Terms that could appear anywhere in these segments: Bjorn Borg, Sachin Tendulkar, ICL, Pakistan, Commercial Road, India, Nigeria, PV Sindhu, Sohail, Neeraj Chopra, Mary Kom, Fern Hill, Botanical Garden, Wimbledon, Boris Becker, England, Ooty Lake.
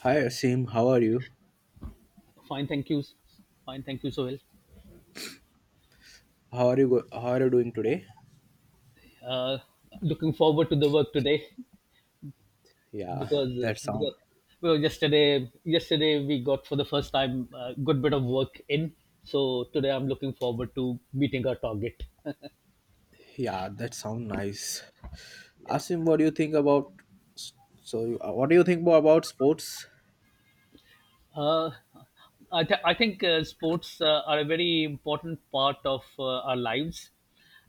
Hi Asim, how are you? Fine, thank you. Fine, thank you, Sohail. How are you doing today? Uh, looking forward to the work today Yeah, because that sound well, yesterday we got for the first time a good bit of work in. So today I'm looking forward to meeting our target. yeah, that sound nice. Asim, what do you think about s- what do you think more about sports? Uh, I think sports are a very important part of our lives.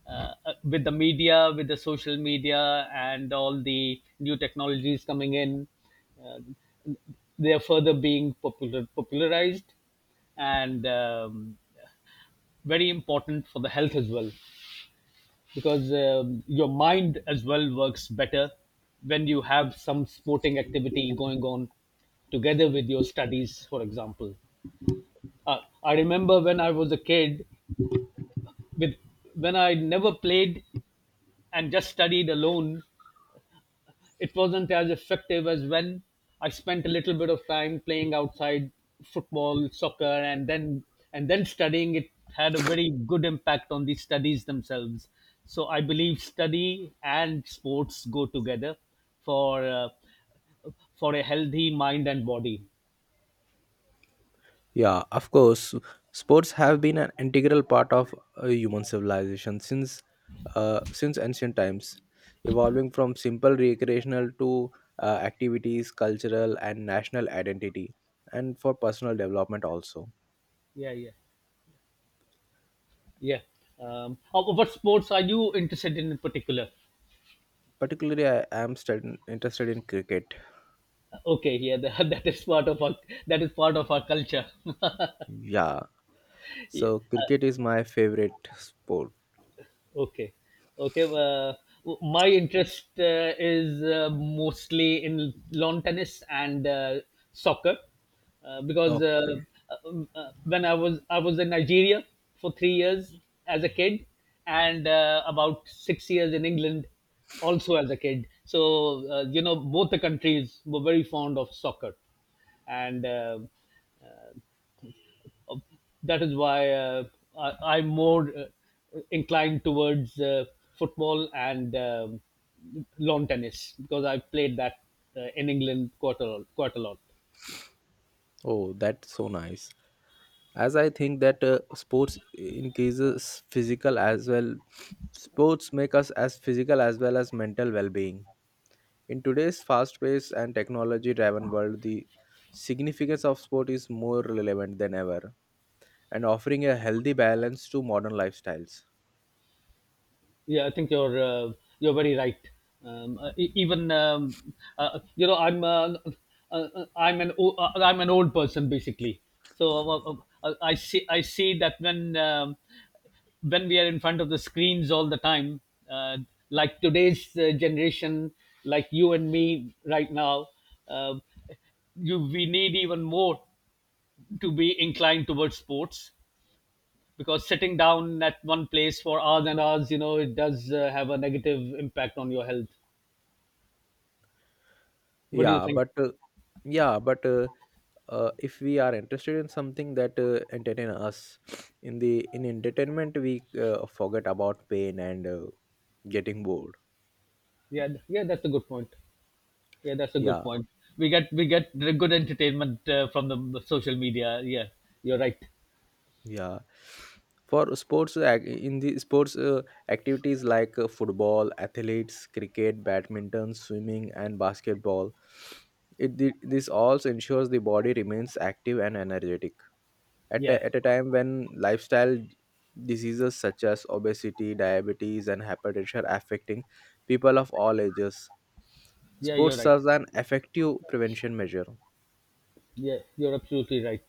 With the media, with the social media, and all the new technologies coming in, they are further being popular, popularized, and very important for the health as well because your mind as well works better when you have some sporting activity going on, together with your studies, for example. Uh, i remember when I was a kid, with when I never played and just studied alone. It wasn't as effective as when I spent a little bit of time playing outside football, soccer, and then studying. It had a very good impact on the studies themselves. So I believe study and sports go together for for a healthy mind and body. Yeah, of course. Sports have been an integral part of human civilization since ancient times, evolving from simple recreational to activities, cultural and national identity, and for personal development also. Yeah, yeah, yeah. Oh, what sports are you interested in particular? Particularly, I am interested in cricket. Okay, yeah, that is part of our culture. Yeah. Yeah. So cricket is my favorite sport. Okay, okay. My interest is mostly in lawn tennis and soccer uh, because uh, Okay. uh, uh, when I was in Nigeria for 3 years as a kid, and about 6 years in England, also as a kid. So both the countries were very fond of soccer, and uh, that is why I'm more inclined towards football and lawn tennis because I played that in England quite a lot. Oh, that's so nice. As I think that sports increases physical as well. Sports make us as physical as well as mental well-being. In today's fast-paced and technology-driven world, the significance of sport is more relevant than ever and offering a healthy balance to modern lifestyles. Yeah, I think you're very right. Even I'm an old person basically. So I see that when we are in front of the screens all the time, uh, like today's generation, like you and me right now. Uh, you we need even more to be inclined towards sports because sitting down at one place for hours and hours, it does have a negative impact on your health. What do you Yeah, think? but uh, yeah, but if we are interested in something that entertain us in entertainment we forget about pain and getting bored. Yeah, that's a good point. Yeah, that's a good Yeah, point. We get the good entertainment from the social media. Yeah, you're right. yeah, in the sports activities like football, athletes, cricket, badminton, swimming, and basketball. This also ensures the body remains active and energetic at Yeah, a time when lifestyle diseases such as obesity, diabetes, and hypertension are affecting people of all ages. yeah, you're Sports right. serves an effective prevention measure. Yeah, you're absolutely right.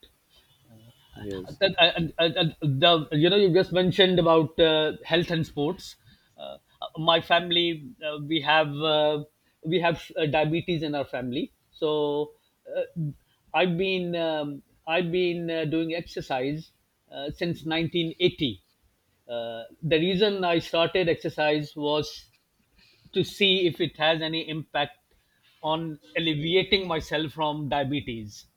Yes. that, and the, you just mentioned about health and sports. uh, my family, we have diabetes in our family. So uh, I've been doing exercise since 1980. The reason I started exercise was to see if it has any impact on alleviating myself from diabetes.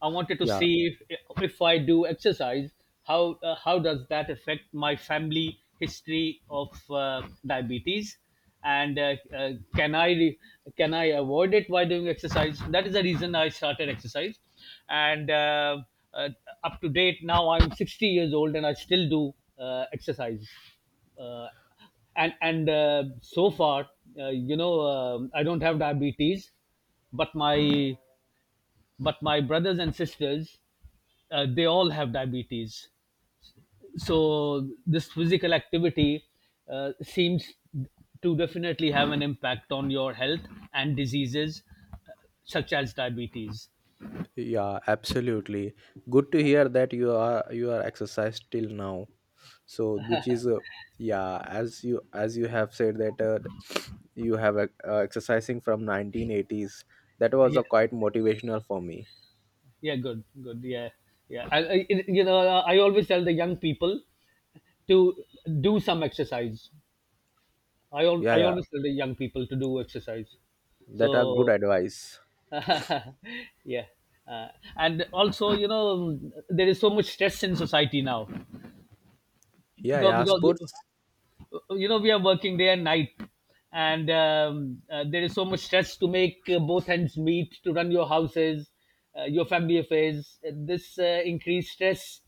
I wanted to Yeah, see if I do exercise, how does that affect my family history of diabetes, and can I avoid it by doing exercise? That is the reason I started exercise, and uh, up to date now I'm 60 years old and I still do exercise. Uh, and so far, I don't have diabetes, but my brothers and sisters they all have diabetes. So this physical activity seems to definitely have an impact on your health and diseases such as diabetes. yeah, absolutely. Good to hear that you are exercised till now. So which is yeah, as you have said that you have exercising from 1980s. That was Yeah, a quite motivational for me. yeah, good, good, yeah, yeah. I always tell the young people to do some exercise. i, al- Yeah, I yeah, always tell the young people to do exercise, that so are good advice. yeah. Uh, and also, there is so much stress in society now Yeah, because yeah. We are working day and night, and there is so much stress to make both ends meet, to run your houses, your family affairs. This increased stress: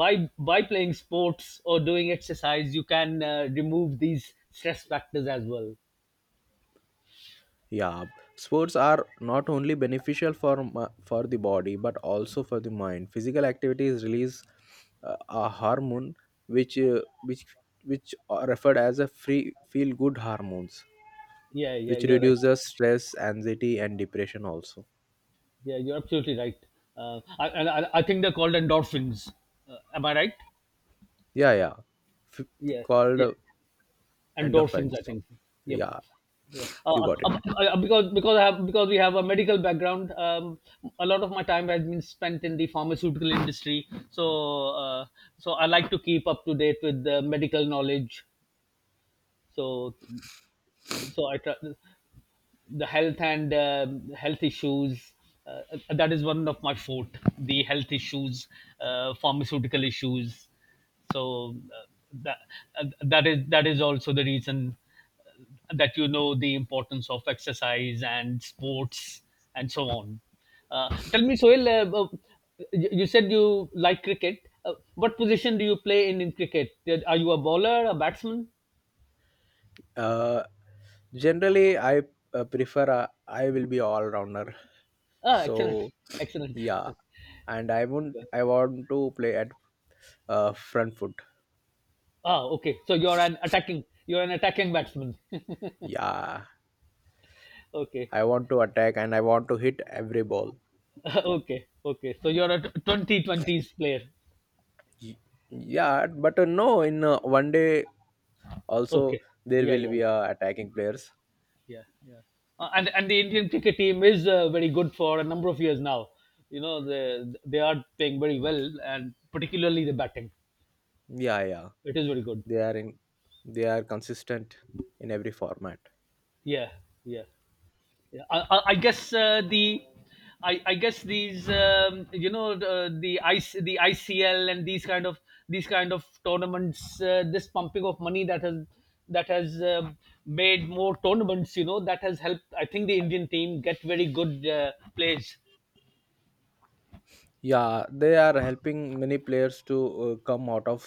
by playing sports or doing exercise, you can remove these stress factors as well. yeah Sports are not only beneficial for for the body but also for the mind. Physical activities release a hormone which uh, which which are referred as a free feel good hormones, Yeah, yeah, which you're right. reduces stress, anxiety, and depression also. Yeah, you're absolutely right. I think they're called endorphins. Am I right? Yeah yeah. F- Yeah, Called yeah, endorphins. I endorphins. think. Yep. Yeah, Yeah. You got it. Because we have a medical background, a lot of my time has been spent in the pharmaceutical industry. So I like to keep up to date with the medical knowledge. So so I try. The health and health issues. Uh, that is one of my forte: the health issues, pharmaceutical issues. So uh, that uh, that is that is also the reason that you know the importance of exercise and sports, and so on. Tell me, Soil, you said you like cricket. What position do you play in cricket? Are you a bowler, a batsman? uh Generally I I will be all rounder. Ah, excellent, So excellent. yeah, and I want I want to play at front foot. Ah, okay. So you're an attacking batsman. Yeah, okay, I want to attack and I want to hit every ball. okay, okay. So you're a twenty twenties player. Y- Yeah, but no, in one day Okay, also there yeah, will yeah, be yeah, attacking players. yeah, yeah. And the Indian cricket team is very good for a number of years now. You know, they are playing very well, and particularly the batting. Yeah, yeah, It is very good. they are in they are consistent in every format. Yeah, yeah. Yeah, I guess these the ICL and these kind of tournaments, this pumping of money that has made more tournaments, that has helped, I think, the Indian team get very good players. Yeah, they are helping many players to uh, come out of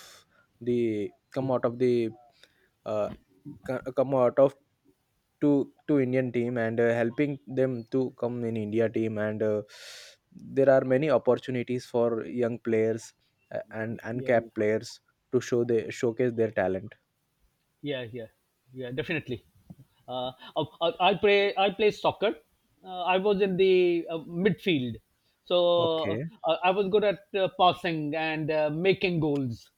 come out of the uh, come out of to Indian team, and helping them to come in India team. And there are many opportunities for young players and Yeah, yeah. uncapped players to showcase their talent. Yeah, yeah, yeah, definitely. I play soccer. I was in the midfield, so Okay, I was good at passing and making goals.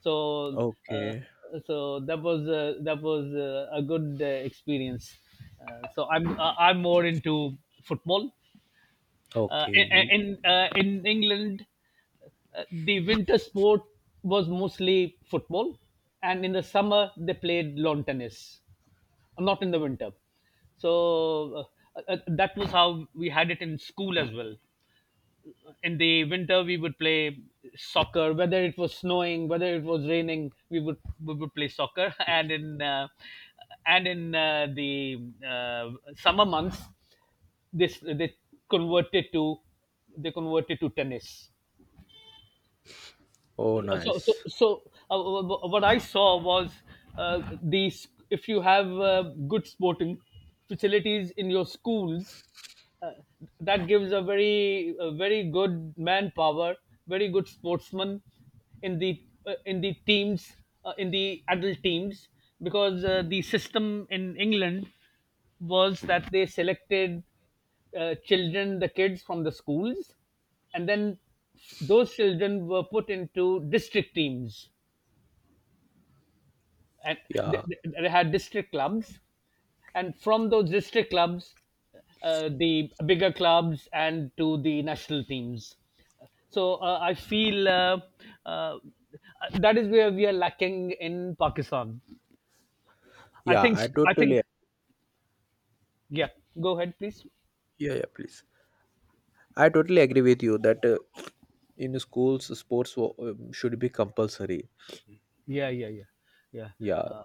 So uh, okay, so that was a good experience. So I'm more into football. Okay. In England, the winter sport was mostly football, and in the summer they played lawn tennis. Not in the winter. So that was how we had it in school as well. In the winter, we would play soccer, whether it was snowing, whether it was raining, we would play soccer, and in the summer months this they converted to converted to tennis. Oh, so so nice. so uh, what I saw was these if you have good sporting facilities in your schools, uh, that gives a very good manpower, very good sportsmen in the teams in the adult teams, because the system in England was that they selected children, the kids from the schools, and then those children were put into district teams, and they, Yeah, they had district clubs, and from those district clubs, the bigger clubs, and to the national teams. So I feel uh, that is where we are lacking in pakistan. i yeah. think I i think totally. Yeah. Go ahead, please. Yeah, yeah. Please, I totally agree with you that in schools sports should be compulsory. Yeah, yeah, yeah, yeah. Yeah, uh,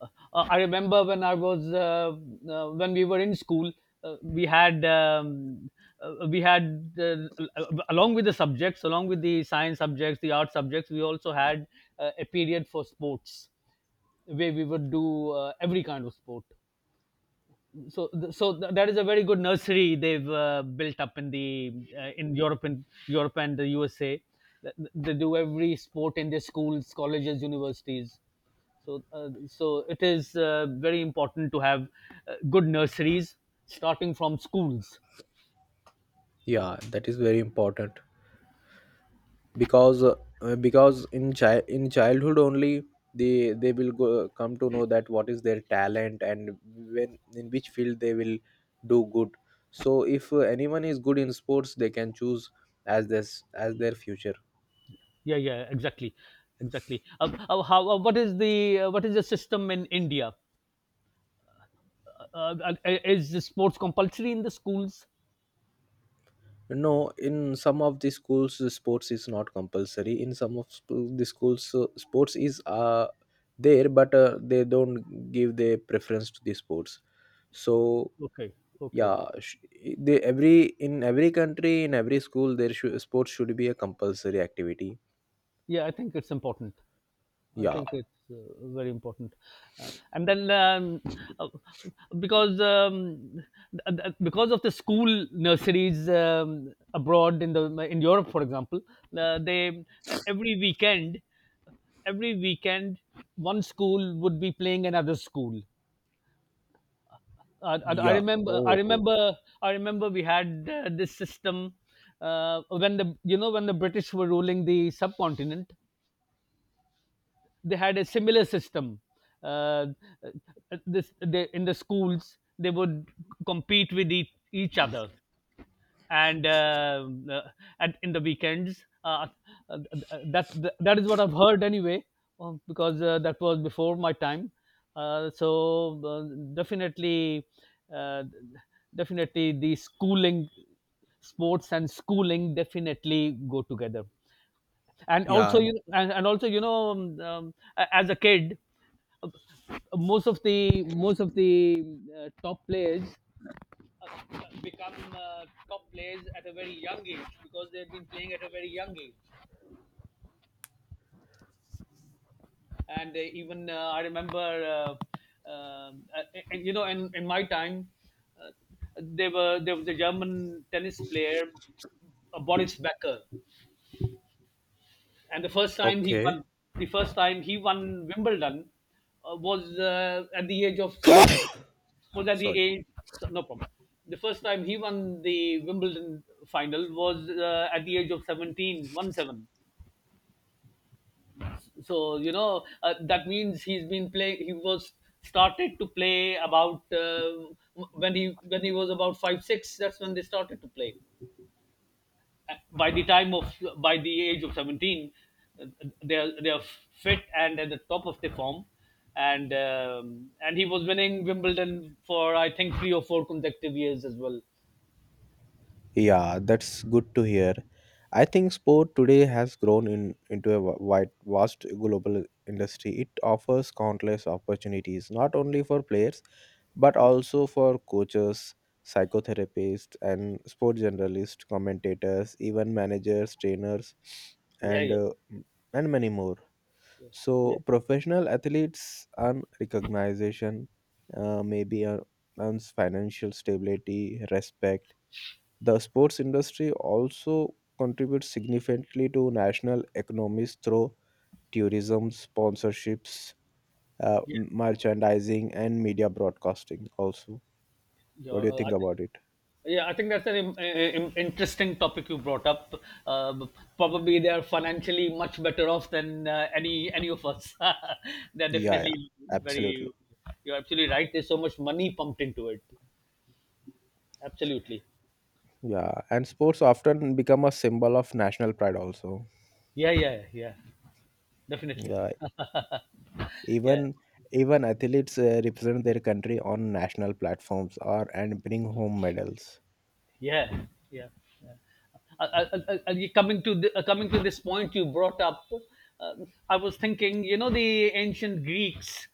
uh, uh, i remember when I was when we were in school, uh, we had um, we had along with the subjects, along with the science subjects, the art subjects, we also had a period for sports, where we would do every kind of sport. So that is a very good nursery they've built up in the in Europe and the USA. They do every sport in their schools, colleges, universities. So it is very important to have good nurseries starting from schools. yeah. That is very important, because uh, because in childhood only they will come to know that what is their talent, and when in which field they will do good. So if anyone is good in sports, they can choose as their future. Yeah, yeah, exactly, exactly. How What is the system in India? Is the sports compulsory in the schools? No, in some of the schools sports is not compulsory. In some of the schools sports is there, but they don't give their preference to the sports. So Okay, okay. yeah, sh- they every in every country, in every school, there should sports should be a compulsory activity. Yeah, I think it's important. I Yeah, think it's very important, and then uh, because um, because of the school nurseries, abroad, in Europe, for example, they every weekend one school would be playing another school. Uh, I, I yeah. remember I Oh, oh. remember I remember we had this system when the when the British were ruling the subcontinent. They had a similar system. Uh, in the schools they would compete with each other, and at in the weekends. Uh, that is what I've heard anyway, because that was before my time. So definitely, uh, definitely the schooling sports and schooling definitely go together. And Yeah. also and also you know as a kid, uh, most of the top players become top players at a very young age because they've been playing at a very young age. And even, I remember, um, uh, and you know in my time, uh, there was a German tennis player, Boris Becker, and the first time he Okay. won — the first time he won Wimbledon was at the age of — uh, was at the Sorry. age — no problem. The first time he won the Wimbledon final was at the age of 17, one 7. So, that means he's been play. he was started to play about when he was about five six. That's when they started to play. By the time of by the age of 17, uh, they are fit and at the top of their form, and he was winning Wimbledon for, I think, three or four consecutive years as well. Yeah, that's good to hear. I think sport today has grown into a wide, vast global industry. It offers countless opportunities, not only for players, but also for coaches, psychotherapists, and sport journalists, commentators, even managers, trainers, Yeah, and yeah. and many more. Yeah, yeah, So professional athletes earn recognition, maybe earns financial stability, respect. The sports industry also contributes significantly to national economies through tourism, sponsorships, yeah. Merchandising, and media broadcasting. Also, Yeah, what do you uh, I think think, about it? yeah, I think that's an interesting topic you brought up. Uh, Probably they are financially much better off than any of us. They're Yeah, yeah, definitely very. absolutely. You're absolutely right. There's so much money pumped into it. Absolutely. Yeah, and sports often become a symbol of national pride. Also, Yeah, yeah, yeah, definitely. yeah, Yeah, even even athletes represent their country on national platforms or and bring home medals. yeah, yeah. Yeah. Coming to coming to this point you brought up, uh, I was thinking, you know, the ancient Greeks —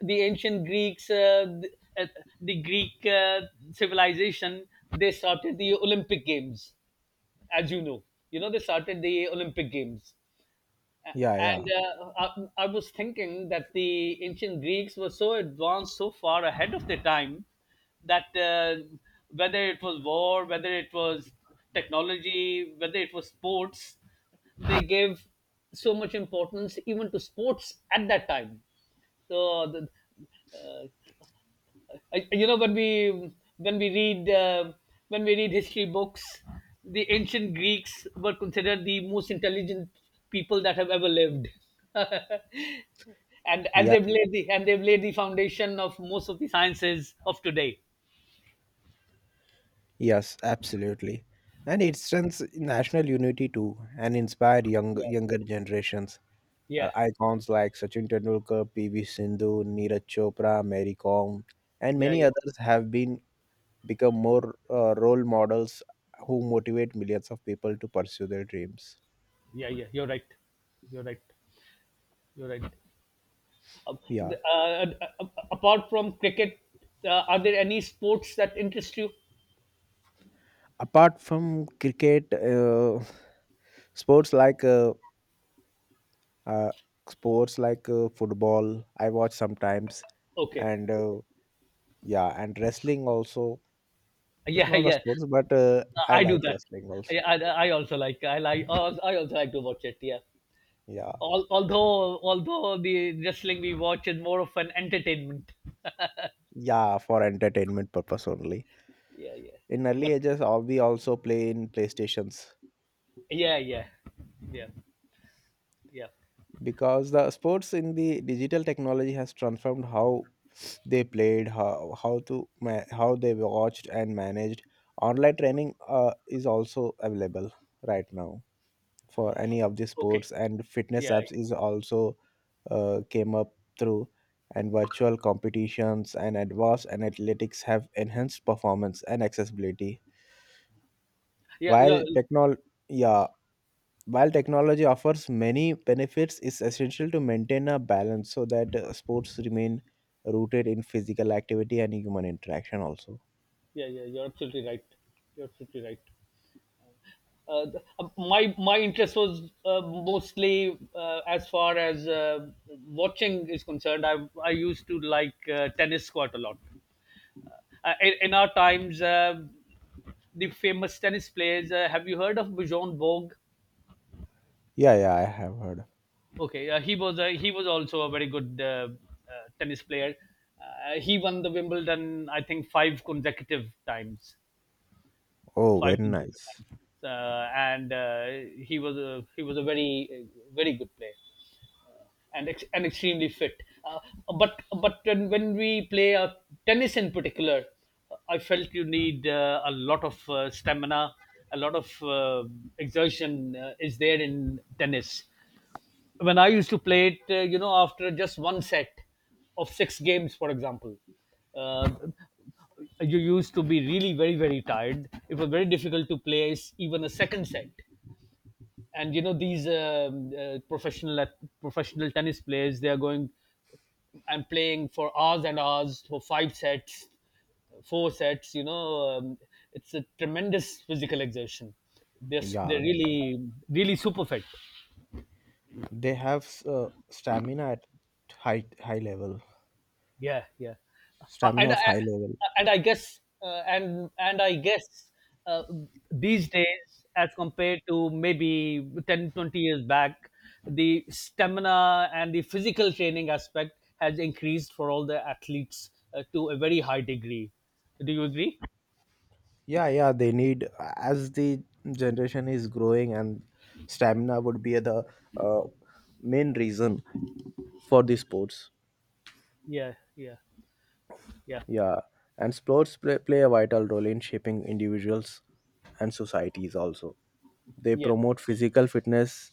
the ancient Greeks, uh, the, uh, the Greek civilization, they started the Olympic Games, as you know. You know, they started the Olympic Games. Yeah, And yeah, uh, I was thinking that the ancient Greeks were so advanced, so far ahead of their time, that whether it was war, whether it was technology, whether it was sports, they gave so much importance even to sports at that time. So the, uh, when we read, history books, the ancient Greeks were considered the most intelligent people that have ever lived. And yeah. They've laid the foundation of most of the sciences of today. Yes, absolutely. And it strengthens national unity too and inspire Yeah, younger generations. Yeah, Icons like Sachin Tendulkar, PV Sindhu, Neeraj Chopra, Mary Kom, and yeah, many yeah, others have been become more role models who motivate millions of people to pursue their dreams. yeah, yeah, you're right. You're right. You're right. uh, Yeah. the- uh, Apart from cricket, are there any sports that interest you? Apart from cricket, sports like uh, uh, sports like football, I watch sometimes, Okay. and yeah, and wrestling also. It's Yeah, not a yeah. sports, but I I do like that. wrestling also. I, I, I also like — I also like to watch it. Yeah. Yeah, Although, although, the wrestling we watch is more of an entertainment. yeah, for entertainment purpose only. Yeah, yeah. In But early ages, we also play in PlayStations, yeah, yeah, yeah, yeah. because the sports in the digital technology has transformed how they played, how they watched and managed. Online training is also available right now, for any of the Okay. sports, and fitness Yeah, apps is also came up through, and virtual competitions and advanced and athletics have enhanced performance and accessibility, yeah, while yeah, technol yeah while technology offers many benefits, it's essential to maintain a balance so that sports remain rooted in physical activity and human interaction also. yeah, yeah. Yeah. You're absolutely right. You're absolutely right. My interest was, mostly, as far as watching is concerned. I used to like tennis quite a lot. In our times, the famous tennis players. Have you heard of Bjorn Borg? Yeah, yeah, I have heard. Okay. He he was also a very good tennis player. He won the Wimbledon, I think, five consecutive times. Oh, Five very consecutive nice. times, and he was a very, very good player, uh, and extremely fit. But when we play, tennis in particular, I felt you need a lot of stamina, a lot of exertion is there in tennis. When I used to play it, you know, after just one set of six games, for example, uh, you used to be really very, very tired. It was very difficult to play even a second set. And you know, these professional tennis players, they are going and playing for hours and hours for five sets, four sets. You know, it's a tremendous physical exertion. Yeah, They're really, really super fit. they have stamina at high high level. Yeah, yeah. Uh, Stamina and I, of high level. and I guess, uh, these days, as compared to maybe 10, 20 years back, the stamina and the physical training aspect has increased for all the athletes to a very high degree. Do you agree? Yeah, yeah, they need, as the generation is growing, and stamina would be the uh, main reason for the sports. Yeah, yeah, yeah, Yeah, and sports play a vital role in shaping individuals and societies. Also, they yeah, promote physical fitness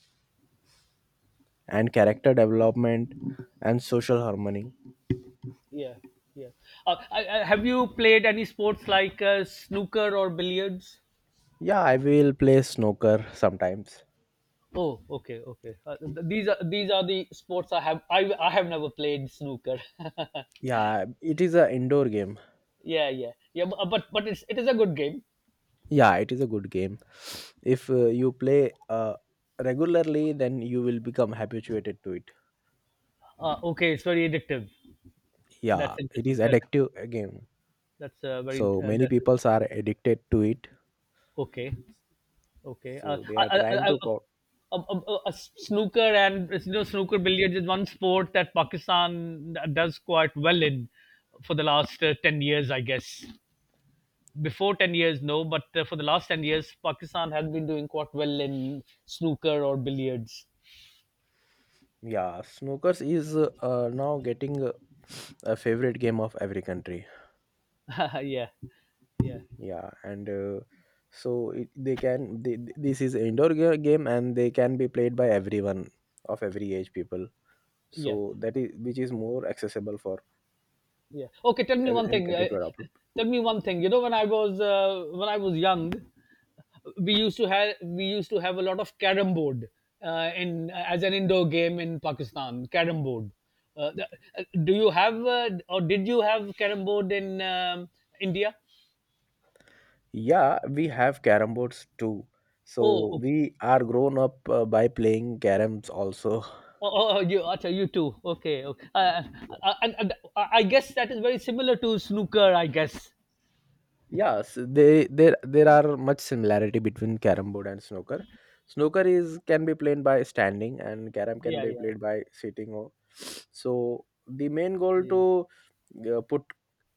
and character development and social harmony. yeah, yeah. Have you played any sports like snooker or billiards? Yeah, I will play snooker sometimes. Oh, okay, okay. These are the sports I have. I have never played snooker. Yeah, it is a indoor game. Yeah, yeah, yeah. But it is a good game. Yeah, it is a good game. If you play regularly, then you will become habituated to it. Okay, it's very addictive. That's Yeah, it is interesting. Addictive game. That's very So many peoples are addicted to it. okay, okay. So they are trying to A Snooker — and you know snooker, billiards is one sport that Pakistan does quite well in for the last 10 years, I guess. Before 10 years, no, but for the last 10 years, Pakistan had been doing quite well in snooker or billiards. yeah, snookers is now getting a favorite game of every country. Yeah, yeah, Yeah, and so it, they can they, this is indoor game, and they can be played by everyone of every age people. yeah, So that is which is more accessible for yeah. Okay, tell me one any thing. country to adopt. You know, when I was young, we used to have a lot of carom board, in as an indoor game in Pakistan. Carom board — uh, the- do you have, or did you have, carom board in India? Yeah, we have carom boards too. Oh, So okay. we are grown up by playing caroms also. Oh, oh, oh, you — Acha, you too. Okay, okay. And I guess that is very similar to snooker, I guess. Yes, they there there are much similarity between carom board and snooker. Snooker is can be played by standing, and carom can Yeah, be yeah. played by sitting. So the main goal Yeah, to put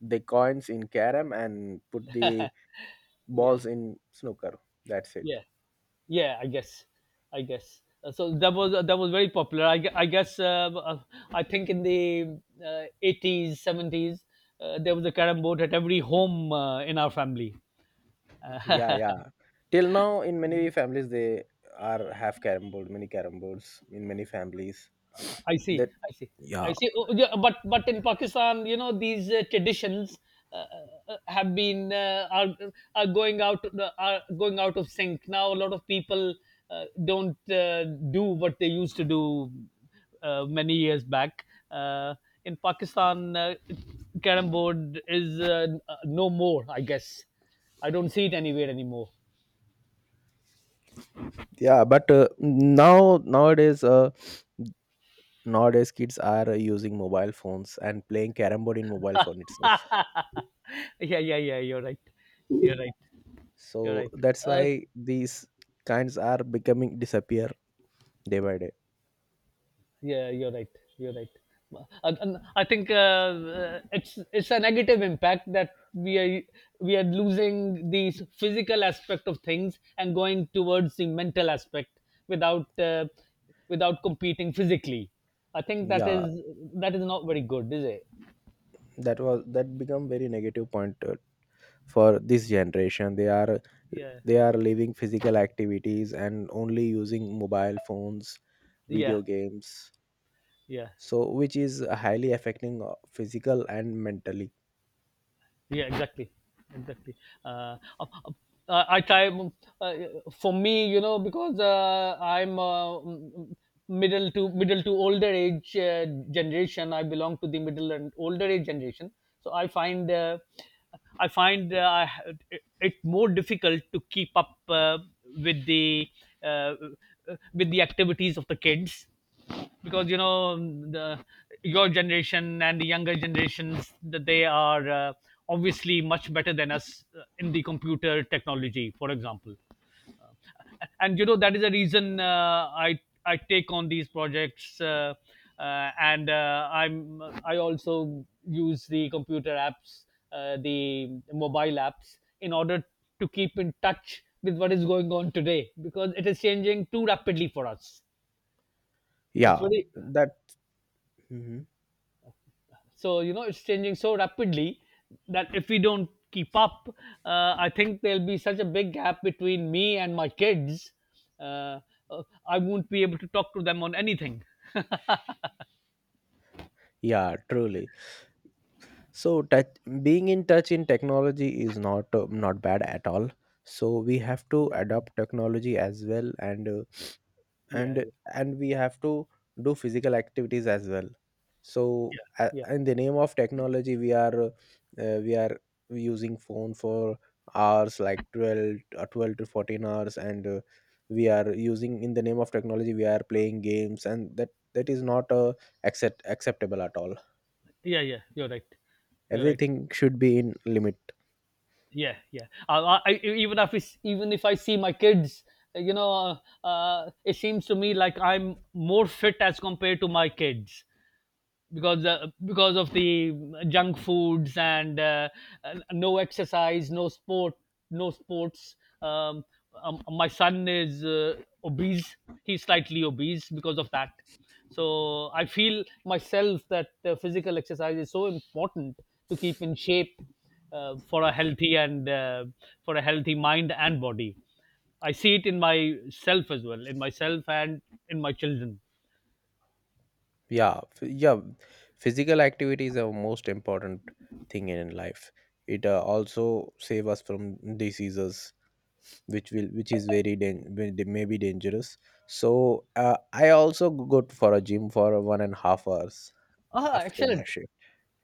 the coins in carom and put the yeah, balls in snooker. That's it. yeah. Yeah, I guess. I guess. So that was, very popular. I, gue- I guess I think in the 80s, 70s, there was a carrom board at every home, in our family. Yeah, yeah. Till now, in many families, they are have carom board, many carom boards in many families. I see. That I see. Yeah, I see. Oh, yeah, but in Pakistan, you know, these traditions uh, uh, have been are are going out are going out of sync now. A lot of people don't do what they used to do, many years back. Uh, in Pakistan, carom board is no more. I guess I don't see it anywhere anymore. yeah. But nowadays kids are using mobile phones and playing carom board in mobile phone itself. Yeah, yeah, yeah. You're right. You're right. You're So right. that's Uh, why these kinds are becoming disappear day by day. Yeah, you're right. You're right. And I think, it's a negative impact that we are losing the physical aspect of things and going towards the mental aspect, without without competing physically. I think Yeah, that is not very good, is it? that become very negative point for this generation. They are Yeah, leaving physical activities and only using mobile phones, yeah, video games, yeah. so which is highly affecting physical and mentally. Yeah, exactly, exactly. uh, uh, I try uh, for me, you know, because I'm, middle to older age generation. I belong to the middle and older age generation. So I find, it more difficult to keep up, with the, uh, with the activities of the kids, because, you know, the your generation and the younger generations, that they are obviously much better than us, in the computer technology, for example. And you know, that is the reason I take on these projects, and I also use the computer apps, the mobile apps, in order to keep in touch with what is going on today, because it is changing too rapidly for us. It's Yeah. very that Mhm. So you know, it's changing so rapidly that if we don't keep up, I think there'll be such a big gap between me and my kids. Uh, I won't be able to talk to them on anything. Yeah, truly. So being in touch in technology is not not bad at all, so we have to Yeah, adopt technology as well, and yeah, and yeah, and we have to do physical activities as well. So yeah, yeah, in the name of technology we are using phone for hours, like 12 12 to 14 hours, and we are using in the name of technology, we are playing games, and that is not acceptable at all. yeah, yeah. You're right. You're right. Everything should be in limit. Yeah, yeah. Even if I see my kids, you know, it seems to me like I'm more fit as compared to my kids. Because of the junk foods and, no exercise, no sport, no sports. Um, my son is, obese. He's slightly obese because of that. So I feel myself that physical exercise is so important to keep in shape, uh, for a healthy and uh, for a healthy mind and body. I see it in myself as well, in myself and in my children. Yeah. Yeah, physical activity is the most important thing in life. It also save us from diseases, which is very may they may be dangerous. So I also go to for a gym for 1.5 hours Ah, after my excellent. shift.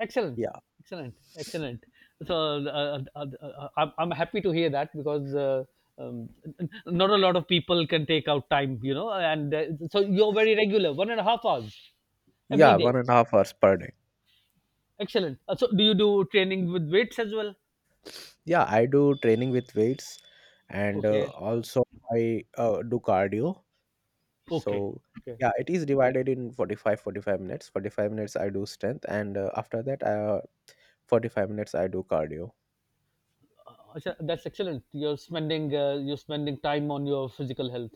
Excellent, Yeah, excellent, excellent. So I'm happy to hear that, because um, not a lot of people can take out time, you know. And so you're very regular — 1.5 hours every yeah, day. 1.5 hours per day. Excellent. So do you do training with weights as well? Yeah, I do training with weights, and Okay, also I do cardio, so. okay, okay. Yeah, it is divided in 45, 45 minutes. 45 minutes I do strength, and after that 45 minutes I do cardio. Acha, that's excellent. You're spending — time on your physical health.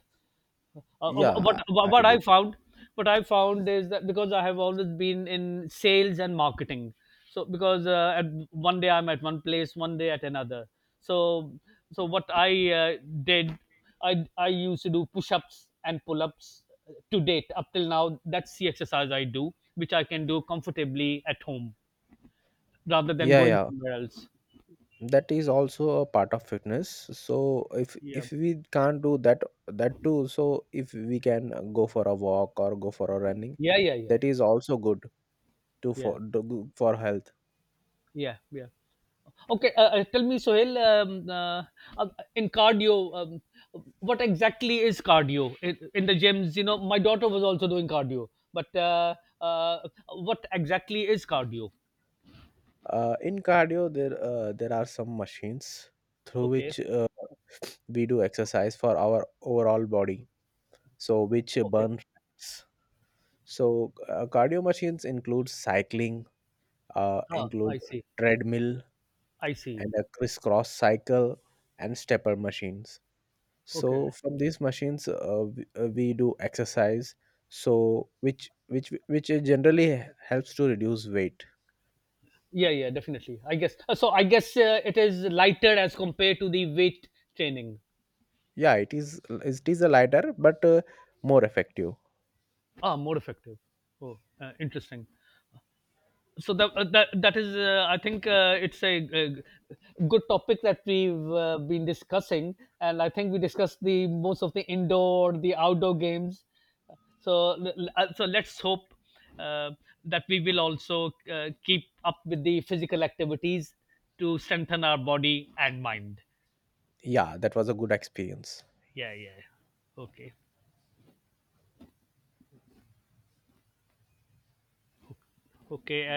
Uh, uh, Yeah. I what I do. found is that because I have always been in sales and marketing, so because, at one day I'm at one place, one day at another. So so what I, did, I used to do push-ups and pull-ups to date, up till now. That's the exercise I do, which I can do comfortably at home rather than Yeah, going yeah, somewhere else. that is also a part of fitness. So if Yeah, if we can't do that too, so if we can go for a walk or go for a running, yeah, yeah, yeah, that is also good to yeah, for do for health. yeah, yeah. Okay, tell me, Sohail, uh, in cardio, what exactly is cardio in the gyms? You know, my daughter was also doing cardio, but uh, what exactly is cardio? In cardio there there are some machines through Okay, which we do exercise for our overall body, so which okay, burn fats. So cardio machines include cycling, ah, include I see, treadmill I see. and a crisscross cycle and stepper machines. Okay, So from these machines we do exercise, so which generally helps to reduce weight. yeah, yeah, definitely. I guess so. I guess it is lighter as compared to the weight training. Yeah, it is a lighter, but more effective. Ah, more effective. Oh, interesting. So that, that is, I think, it's a good topic that we've been discussing, and I think we discussed the most of the indoor, the outdoor games. So let's hope uh, that we will also keep up with the physical activities to strengthen our body and mind. Yeah, that was a good experience. Yeah, yeah. Okay, okay.